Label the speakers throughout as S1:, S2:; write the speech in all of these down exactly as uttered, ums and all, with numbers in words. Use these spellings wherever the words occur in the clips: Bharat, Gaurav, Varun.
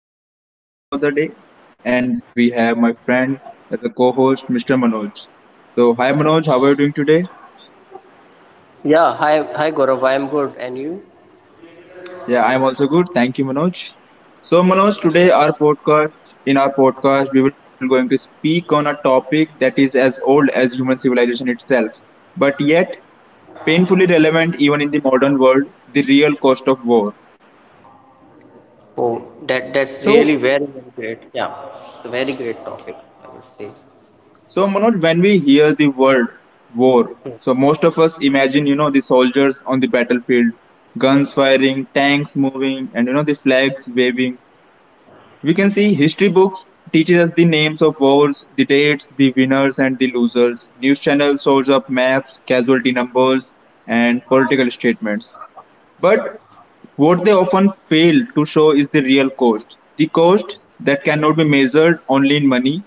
S1: My name is Gaurav, your host for the day, and we have my friend as a co-host, mister Manoj. So, hi Manoj, how are you doing today?
S2: Yeah, hi, hi Gaurav, I am good. And you?
S1: Yeah, I'm also good. Thank you, Manoj. So, Manoj, today our podcast, in our podcast, we will going to speak on a topic that is as old as human civilization itself, but yet painfully relevant even in the modern world: the real cost of war.
S2: Oh, that that's really
S1: So,
S2: very, very great. Yeah, it's a very great topic, I would say.
S1: So Manoj, when we hear the word war, so most of us imagine, you know, the soldiers on the battlefield, guns firing, tanks moving, and you know the flags waving. We can see history books teaches us the names of wars, the dates, the winners and the losers. News channels shows up maps, casualty numbers, and political statements. But what they often fail to show is the real cost, the cost that cannot be measured only in money,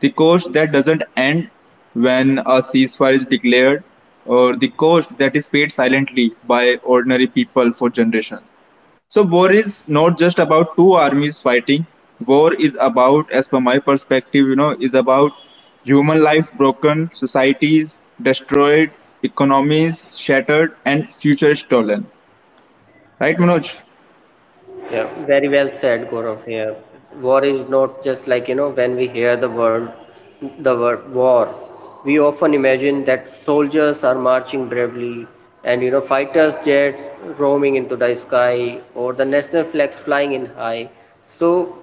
S1: the cost that doesn't end when a ceasefire is declared, or the cost that is paid silently by ordinary people for generations. So, war is not just about two armies fighting. War is about, as per my perspective, you know, is about human lives broken, societies destroyed, economies shattered, and future stolen. Right, Manoj?
S2: Yeah, very well said, Gaurav. Here, war is not just like you know when we hear the word, the word war, we often imagine that soldiers are marching bravely, and you know fighters jets roaming into the sky, or the national flags flying in high. So,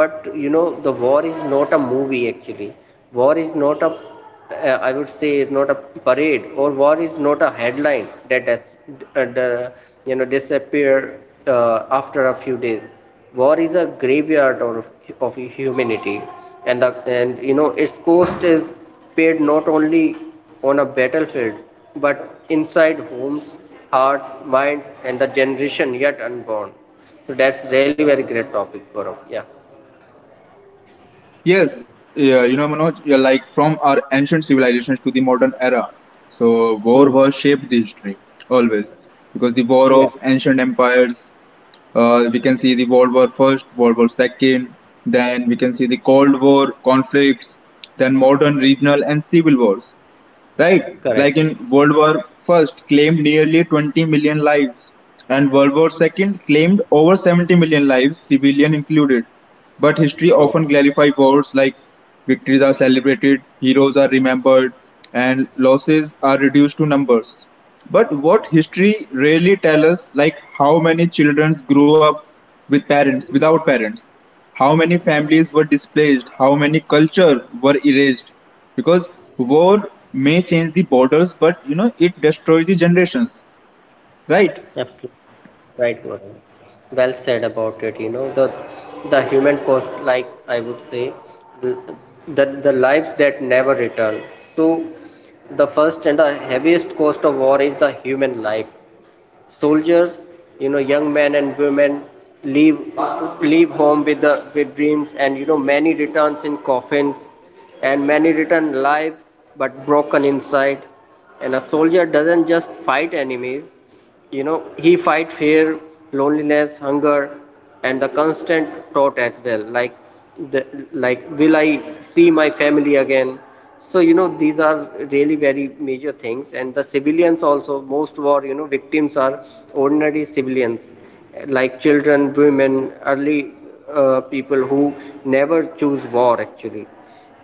S2: but you know the war is not a movie actually. War is not a uh, I would say is not a parade or war is not a headline that does uh, you know disappear uh, after a few days. War is a graveyard of, of humanity, and the and you know its cost is paid not only on a battlefield but inside homes, hearts, minds, and the generation yet unborn. So that's really very great topic, Gaurav. Yeah.
S1: Yes, yeah, you know, Manoj, yeah, like from our ancient civilizations to the modern era. So,
S2: Hmm.
S1: war was shaped the history always because the war
S2: Yeah,
S1: of ancient empires, uh, we can see the World War First, World War Second, then we can see the Cold War conflicts, then modern regional and civil wars, right?
S2: correct.
S1: Like in World War First, claimed nearly twenty million lives, and World War Second claimed over seventy million lives, civilian included. But history
S2: Oh,
S1: often glorifies wars, like victories are celebrated, heroes are remembered, and losses are reduced to numbers. But what history rarely tells us, like how many children grew up with parents, without parents, how many families were displaced, how many culture were erased. Because war may change the borders, but you know it destroys the generations, right?
S2: absolutely. Right, Varun. Well said about it. You know the the human cost, like I would say, the the, the lives that never return. So the first and the heaviest cost of war is the human life. Soldiers, you know, young men and women leave leave home with the with dreams, and you know many returns in coffins, and many return alive but broken inside. And a soldier doesn't just fight enemies; you know he fight fear, loneliness, hunger, and the constant thought as well, like the, like will I see my family again. So you know these are really very major things. And the civilians also, most war you know victims are ordinary civilians, like children, women, early uh, people who never choose war actually.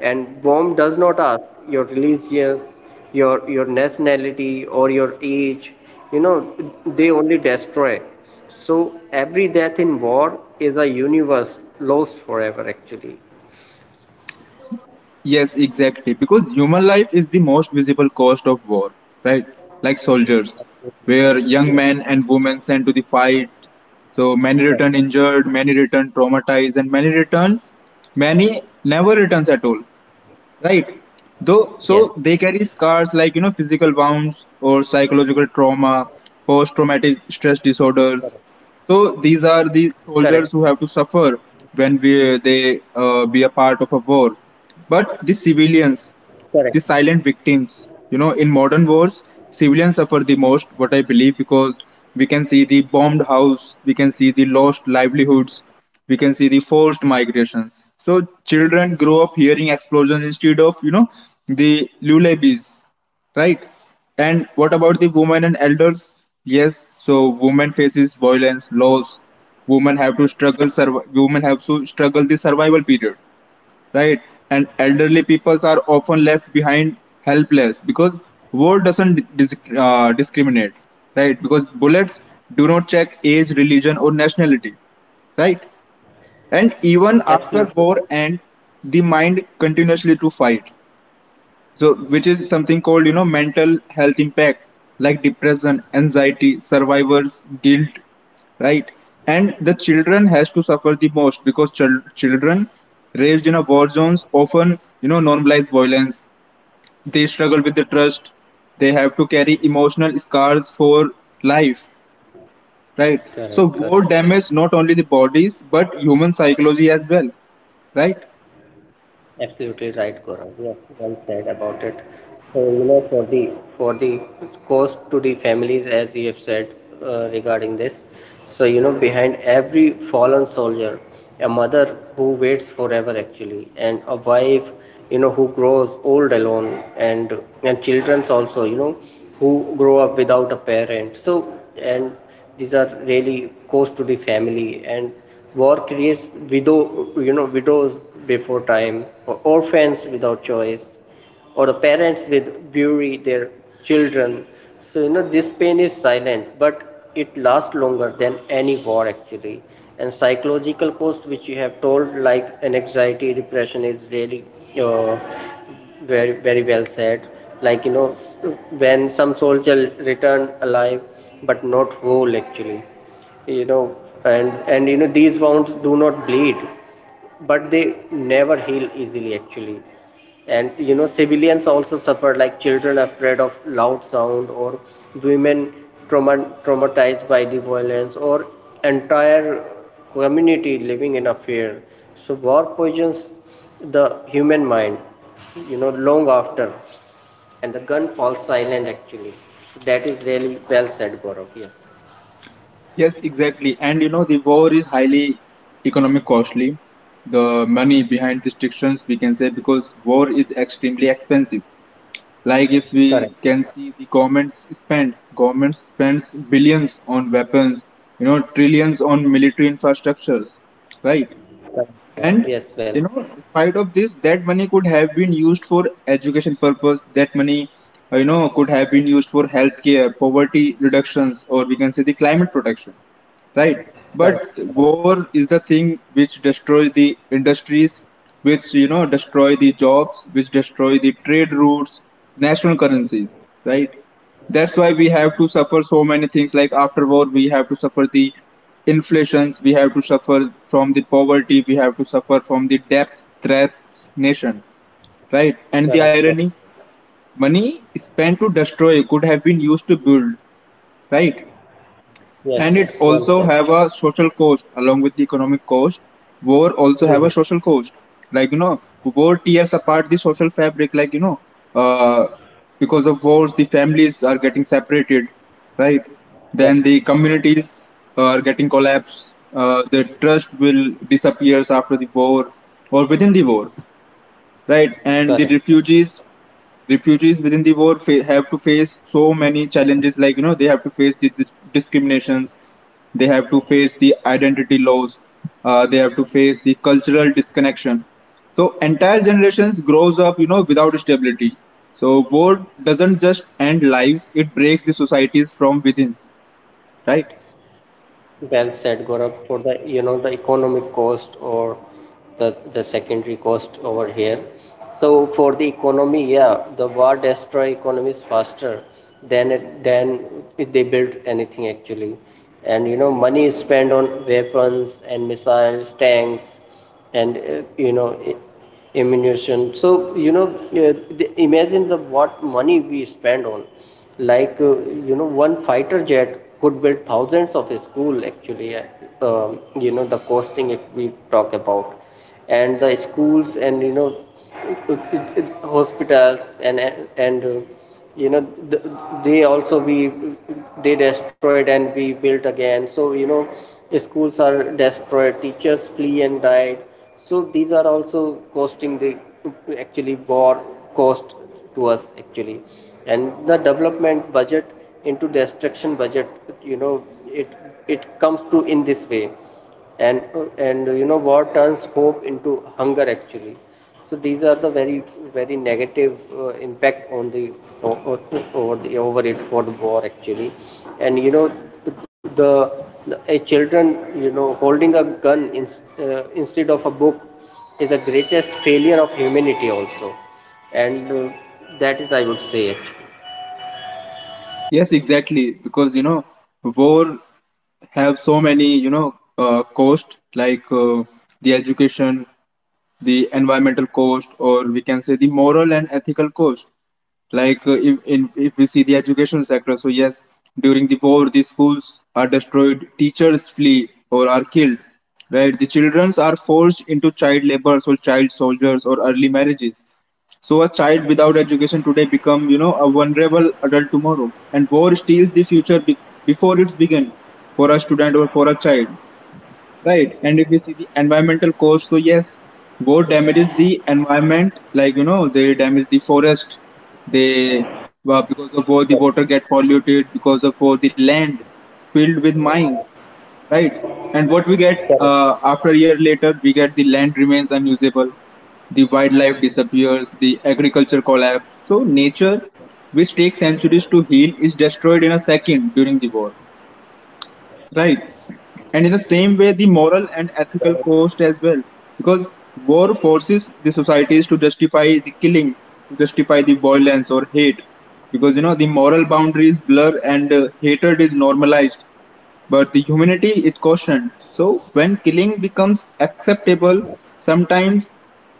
S2: And bomb does not ask your religious, your your nationality or your age. You know they only destroy. So every death in war is a universe lost forever actually.
S1: Yes, exactly. Because human life is the most visible cost of war, right? Like soldiers, where young
S2: Yeah,
S1: men and women sent to the fight. So many
S2: correct.
S1: return injured, many return traumatized, and many returns, many never returns at all, right
S2: Yes,
S1: though. So they carry scars like you know physical wounds or psychological trauma, post traumatic stress disorders. So these
S2: correct,
S1: are the soldiers who have to suffer when we, they uh, be a part of a war. But the
S2: correct.
S1: civilians, the silent victims. You know, in modern wars, civilians suffer the most, what I believe, because we can see the bombed house, we can see the lost livelihoods, we can see the forced migrations. So children grow up hearing explosions instead of, you know, the lullabies, right? And what about the women and elders? Yes, so women faces violence, loss. Women have to struggle. Survi- women have to struggle the survival period, right? And elderly people are often left behind helpless because war doesn't dis- uh, discriminate, right? Because bullets do not check age, religion, or nationality, right? And even
S2: Absolutely right.
S1: after war ends, the mind continuously to fight, so which is something called you know mental health impact, like depression, anxiety, survivors guilt, right? And the children has to suffer the most, because chil- children raised in a war zones often you know normalize violence, they struggle with the trust, they have to carry emotional scars for life, right? So
S2: Correct, correct.
S1: war damage not only the bodies but human psychology as well, right?
S2: Absolutely right, Gaurav. Yes, well said about it. So, you know, for the for the cost to the families, as you have said uh, regarding this. So you know, behind every fallen soldier, a mother who waits forever actually, and a wife, you know, who grows old alone, and and children also, you know, who grow up without a parent. So and these are really cost to the family, and war creates widow, you know, widows before time, or orphans without choice or the parents with bury their children. So you know this pain is silent, but it lasts longer than any war actually. And psychological cost, which you have told, like an anxiety, depression, is really uh, very very well said. Like you know, when some soldier returned alive, but not whole actually, you know. And and you know these wounds do not bleed but they never heal easily actually. And you know civilians also suffer, like children afraid of loud sound, or women trauma- traumatized by the violence, or entire community living in a fear. So war poisons the human mind you know long after and the gun falls silent actually. So that is really well said, Gaurav. Yes,
S1: Yes, exactly. And you know, the war is highly economic costly. The money behind restrictions, we can say, because war is extremely expensive. Like if we
S2: correct.
S1: can see the governments spend, governments spends billions on weapons, you know, trillions on military infrastructures, right?
S2: Correct, Gaurav.
S1: And
S2: Yes, well.
S1: you know, despite of this, that money could have been used for education purpose. That money, uh, you know, could have been used for healthcare, poverty reductions, or we can say the climate protection, right?
S2: Correct,
S1: But
S2: correct.
S1: war is the thing which destroys the industries, which you know destroy the jobs, which destroy the trade routes, national currencies, right? That's why we have to suffer so many things. Like after war, we have to suffer the inflations, we have to suffer from the poverty, we have to suffer from the debt threat nation, right?
S2: Correct,
S1: And the
S2: correct.
S1: irony, money spent to destroy could have been used to build, right?
S2: Yes,
S1: And
S2: yes,
S1: it
S2: well said.
S1: also have a social cost along with the economic cost. War also
S2: Mm,
S1: have a social cost. Like you know, war tears apart the social fabric. Like you know, uh, because of wars, the families are getting separated, right?
S2: correct,
S1: Then the communities are getting collapsed. Uh, the trust will disappears after the war or within the war, right? And
S2: correct.
S1: the refugees, refugees within the war fa- have to face so many challenges, like you know they have to face the dis- discriminations, they have to face the identity laws, uh, they have to face the cultural disconnection. So entire generations grows up you know without stability. So war doesn't just end lives, it breaks the societies from within, right?
S2: Well said, Gaurav. For the, you know, the economic cost or the the secondary cost over here. So for the economy, yeah, the war destroy economies faster than it, than if they build anything actually. And you know, money is spent on weapons and missiles, tanks, and uh, you know, ammunition. So you know, uh, the, imagine the what money we spend on, like uh, you know one fighter jet could build thousands of school actually. uh, um, you know the costing if we talk about, and the schools, and you know uh, uh, uh, hospitals and and uh, you know th- they also we, they destroyed and we built again. So you know schools are destroyed, teachers flee and died. So these are also costing the actually war cost to us actually. And the development budget into destruction budget, you know, it it comes to in this way. And and you know war turns hope into hunger actually. So these are the very very negative uh, impact on the o- over the over it for the war actually. And you know the, the a children you know holding a gun in, uh, instead of a book, is the greatest failure of humanity also. And uh, That is I would say it.
S1: Yes, exactly. Because you know war have so many you know uh, cost, like uh, the education, the environmental cost, or we can say the moral and ethical cost. Like uh, if, in, if we see the education sector, so yes, during the war the schools are destroyed, teachers flee or are killed, right? The children are forced into child labor or child soldiers or early marriages. So a child without education today become you know a vulnerable adult tomorrow, and war steals the future be- before it's begun, for a student or for a child. Right. And if you see the environmental cost, so yes, boat damages the environment, like you know, they damage the forest, they well, because of war the water get
S2: Correct.
S1: polluted, because of war the land filled with mines, right? And what we get uh, after a year
S2: Correct.
S1: later, we get the land remains unusable, the wildlife disappears, the agriculture collapse. So nature, which takes centuries to heal, is destroyed in a second during the war. Right. And in the same way, the moral and ethical cost as well. Because war forces the societies to justify the killing, to justify the violence or hate. Because, you know, the moral boundaries blur and uh, hatred is normalized, but the humanity is cautioned. So when killing becomes acceptable, sometimes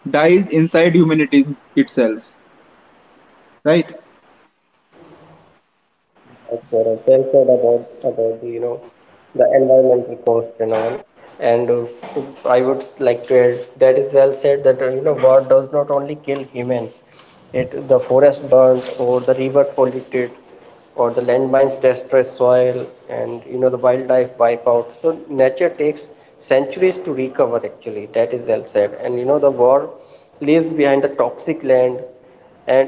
S1: dies inside humanity itself. Right?
S2: Absolutely right, Gaurav. Well said about about the you know the environmental cost and all. And uh, I would like to add that is well said that uh, you know war does not only kill humans, it the forest burned, or the river polluted, or the landmines destroy soil, and you know the wildlife wipe out. So nature takes centuries to recover actually. That is well said. And you know the war leaves behind the toxic land,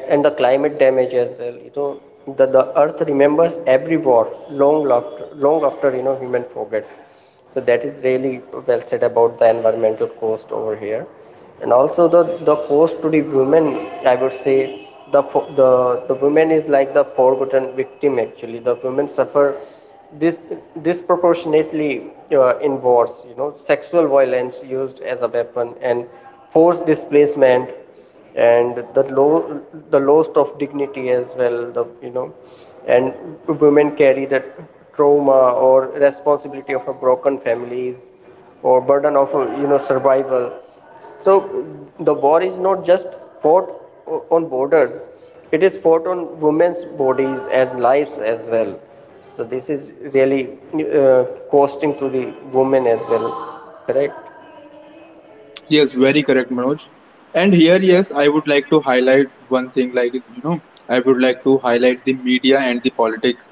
S2: and and the climate damage as well, you know. the, the earth remembers every war, long after, long after, you know, human forget. So that is really well said about the environmental cost over here, and also the the cost to the women. I would say the the the women is like the forgotten victim actually. The women suffer this disproportionately uh, in wars. You know, sexual violence used as a weapon, and forced displacement, and the low the loss of dignity as well, the you know. And women carry the trauma or responsibility of a broken families, or burden of uh, you know survival. So the war is not just fought o- on borders, it is fought on women's bodies and lives as well. So this is really uh, costing to the women as well. Correct.
S1: Yes, very correct, Manoj. And here, yes, I would like to highlight one thing, like, you know, I would like to highlight the media and the politics,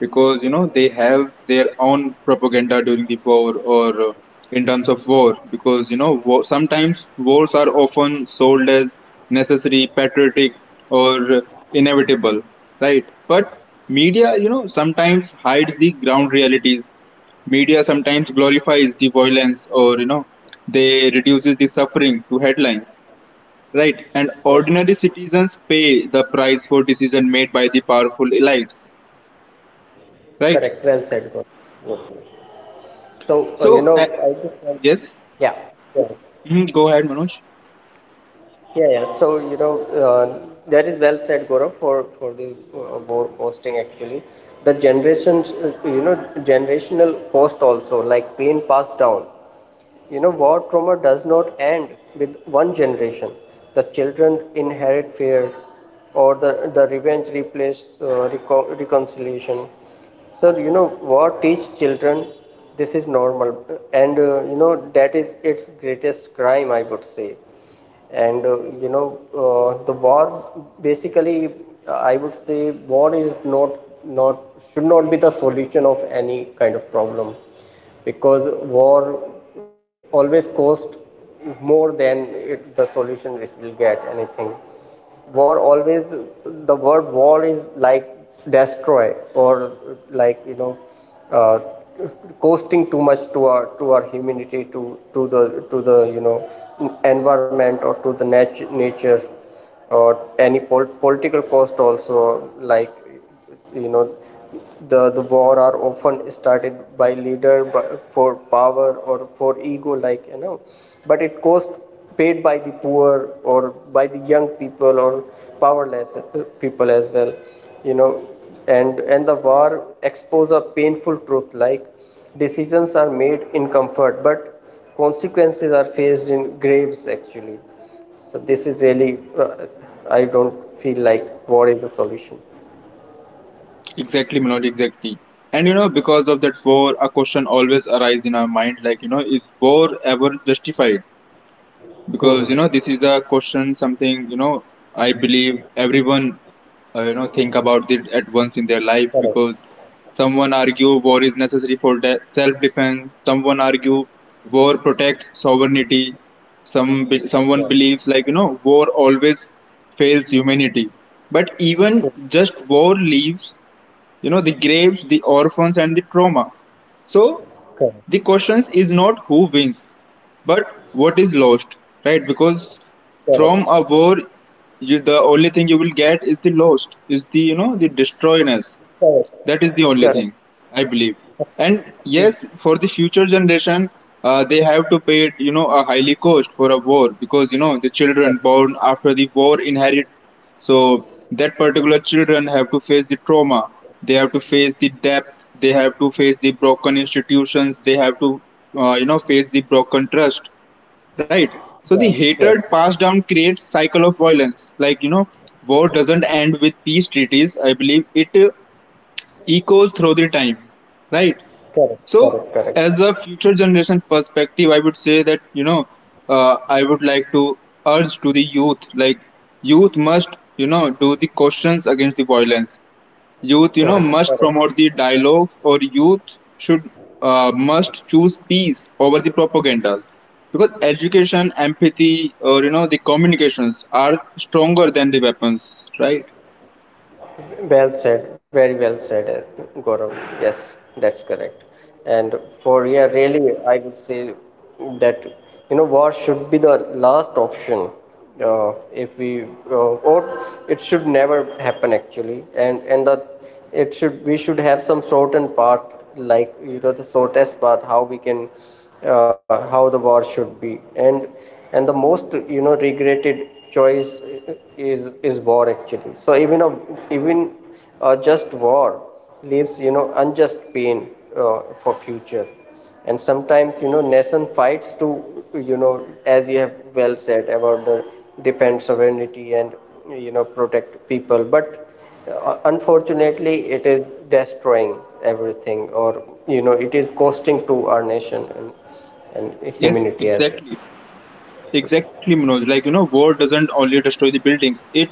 S1: because, you know, they have their own propaganda during the war or uh, in terms of war, because, you know, war, sometimes wars are often sold as necessary, patriotic, or uh, inevitable, right? But media, you know, sometimes hides the ground realities. Media sometimes glorifies the violence or, you know, they reduces the suffering to headlines, right? And
S2: Yeah,
S1: ordinary citizens pay the price for decision made by the powerful elites, right?
S2: correct, well said, Gaurav. Yes, yes. So, uh, you know,
S1: So, uh,
S2: I just want, to,
S1: yes,
S2: yeah. Go ahead.
S1: Mhm, Go ahead, Manoj.
S2: Yeah, yeah. So, you know, uh, that is well said, Gaurav, for, for the uh, board posting actually. The generations, uh, you know, generational post also, like pain passed down. You know, war trauma does not end with one generation. The children inherit fear or the, the revenge replaced uh, reco- reconciliation. So, you know, war teach children this is normal and, uh, you know, that is its greatest crime, I would say. And uh, You know uh, the war basically, uh, I would say war is not not should not be the solution of any kind of problem. Because war always costs more than it, the solution it will get anything. War always, the word war is like destroy, or like you know, uh, costing too much to our to our humanity, to to the to the you know environment, or to the nat- nature, or any pol- political cost also. Like you know, the the war are often started by leader by, for power or for ego, like you know. But it cost paid by the poor, or by the young people, or powerless uh, people as well, you know. And and the war expose a painful truth, like decisions are made in comfort but consequences are faced in graves actually. So this is really, uh, I don't feel like war is the solution.
S1: Exactly, Manoj, exactly. And you know, because of that war, a question always arises in our mind, like, you know, is war ever justified? Because you know this is a question something you know I believe everyone uh, you know think about it at once in their life,
S2: Correct.
S1: because someone argue war is necessary for de- self defense, someone argue war protects sovereignty, some be- someone
S2: Yes.
S1: believes like you know war always fails humanity, but even
S2: Yes.
S1: just war leaves you know the graves, the orphans and the trauma. So
S2: Correct.
S1: the question is not who wins, but what is lost, right? Because from
S2: Correct.
S1: a war, you, the only thing you will get is the lost, is the you know the destroyness.
S2: Correct.
S1: That is the only
S2: Correct.
S1: thing I believe. And
S2: Yes.
S1: yes, for the future generation, uh, they have to pay it, you know a highly cost for a war, because you know the children
S2: Correct.
S1: born after the war inherit. So that particular children have to face the trauma. They have to face the debt. They have to face the broken institutions. They have to uh, you know face the broken trust, right? So the
S2: Yeah.
S1: hatred
S2: Yes.
S1: passed down creates cycle of violence, like you know war doesn't end with peace treaties, I believe it uh, echoes through the time, right?
S2: Correct.
S1: So
S2: Correct.
S1: as a future generation perspective I would say that you know uh, I would like to urge to the youth, like youth must you know do the questions against the violence. Youth,
S2: Correct,
S1: you know,
S2: correct.
S1: must
S2: Correct.
S1: promote the dialogues, or youth should uh, must choose peace over the propaganda, because education, empathy, or you know, the communications are stronger than the weapons. Right?
S2: Well said, very well said, uh, Gaurav. Yes, that's correct. And for yeah, really, I would say that you know war should be the last option. Uh, if we uh, or it should never happen actually. And and the it should we should have some certain part, like you know the shortest part how we can uh, how the war should be. And and the most you know regretted choice is is war actually. So even a, even uh, just war leaves you know unjust pain uh, for future. And sometimes you know nation fights to, you know, as you have well said about the defend sovereignty and you know protect people. But uh, unfortunately, it is destroying everything, or you know, it is costing to our nation and and
S1: Yes,
S2: humanity as well.
S1: exactly. Exactly, Manoj. Like, you know, war doesn't only destroy the building, it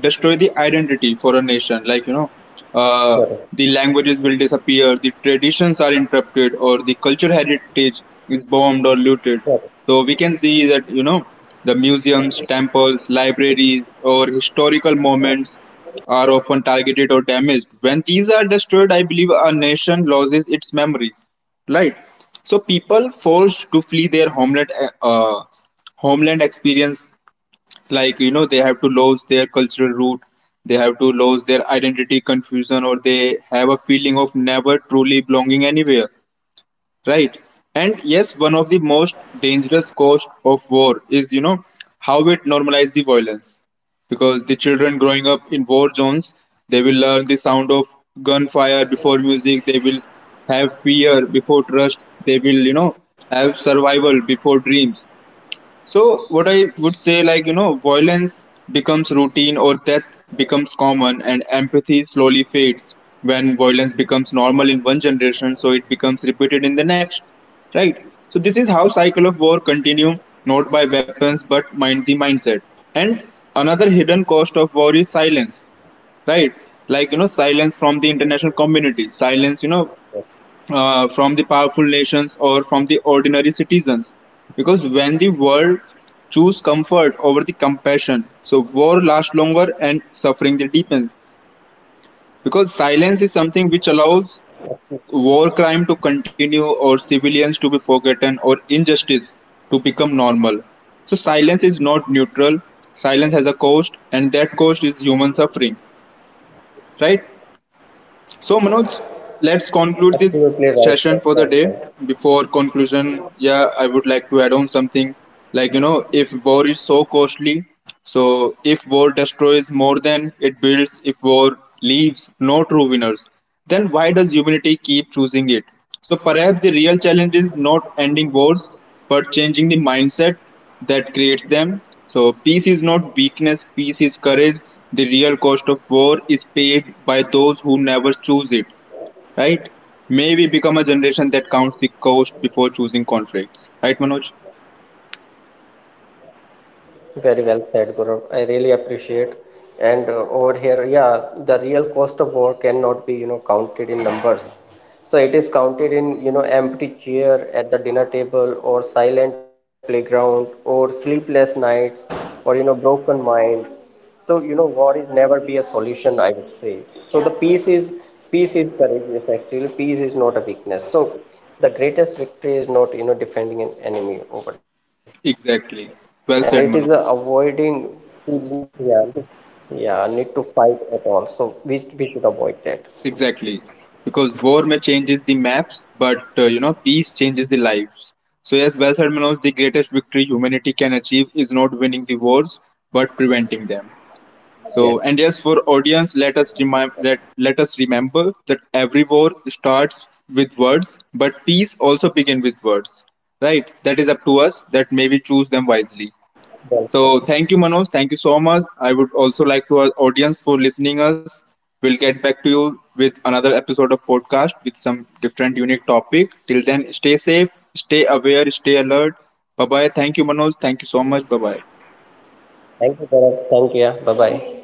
S1: destroy the identity for a nation. Like, you know, uh,
S2: Correct,
S1: the languages will disappear, the traditions are interrupted, or the cultural heritage is bombed or looted.
S2: correct.
S1: So we can see that, you know, the museums, temples, libraries, or historical moments are often targeted or damaged. When these are destroyed, I believe a nation loses its memories. Right. So people forced to flee their homeland, uh, homeland experience, like you know they have to lose their cultural root, they have to lose their identity confusion, or they have a feeling of never truly belonging anywhere, right? And yes, one of the most dangerous cause of war is you know how it normalizes the violence, because the children growing up in war zones, they will learn the sound of gunfire before music, they will have fear before trust, they will you know have survival before dreams. So what I would say, like you know, violence becomes routine or death becomes common, and empathy slowly fades. When violence becomes normal in one generation, so it becomes repeated in the next, right? So this is how cycle of war continue, not by weapons but mind the mindset. And another hidden cost of war is silence, right? Like you know, silence from the international community, silence you know uh, from the powerful nations or from the ordinary citizens. Because when the world choose comfort over the compassion, so war lasts longer and suffering the deepens. Because silence is something which allows war crime to continue, or civilians to be forgotten, or injustice to become normal. So silence is not neutral. Silence has a cost, and that cost is human suffering. Right? So, Manoj, let's conclude this
S2: Absolutely right,
S1: session
S2: sir.
S1: for the
S2: Well
S1: day.
S2: said.
S1: Before conclusion, yeah, I would like to add on something, like, you know, if war is so costly, so if war destroys more than it builds, if war leaves no true winners, then why does humanity keep choosing it? So, perhaps the real challenge is not ending wars, but changing the mindset that creates them. So, peace is not weakness, peace is courage. The real cost of war is paid by those who never choose it, right? May we become a generation that counts the cost before choosing conflict, right, Manoj?
S2: Very well said, Gaurav. I really appreciate. And uh, over here, yeah, the real cost of war cannot be, you know, counted in numbers. So it is counted in, you know, empty chair at the dinner table, or silent playground, or sleepless nights, or you know, broken mind. So you know, war is never be a solution, I would say. So the peace is peace is courageous. Actually, peace is not a weakness. So the greatest victory is not you know defending an enemy over here, and it is a
S1: Exactly. Well
S2: avoiding
S1: said, Manoj.
S2: to lead, yeah need to, yeah need to fight at all. So we we should avoid that. Yes.
S1: Exactly. Because war may changes the maps, but uh, you know, peace changes the lives. So yes, well said, Manoj. The greatest victory humanity can achieve is not winning the wars, but preventing them.
S2: Yes.
S1: So, and yes, for audience, let us remind let, let us remember that every war starts with words, but peace also begin with words. Right? That is up to us. That maybe choose them wisely.
S2: Well said.
S1: So, thank you, Manoj. Thank you so much. I would also like to our audience for listening us. We'll get back to you with another episode of podcast with some different unique topic. Till then, stay safe, stay aware, stay alert. Bye bye. Thank you, Manoj. Thank you so much. Bye bye.
S2: Thank you, Bharat. Thank you. Yeah. Bye bye.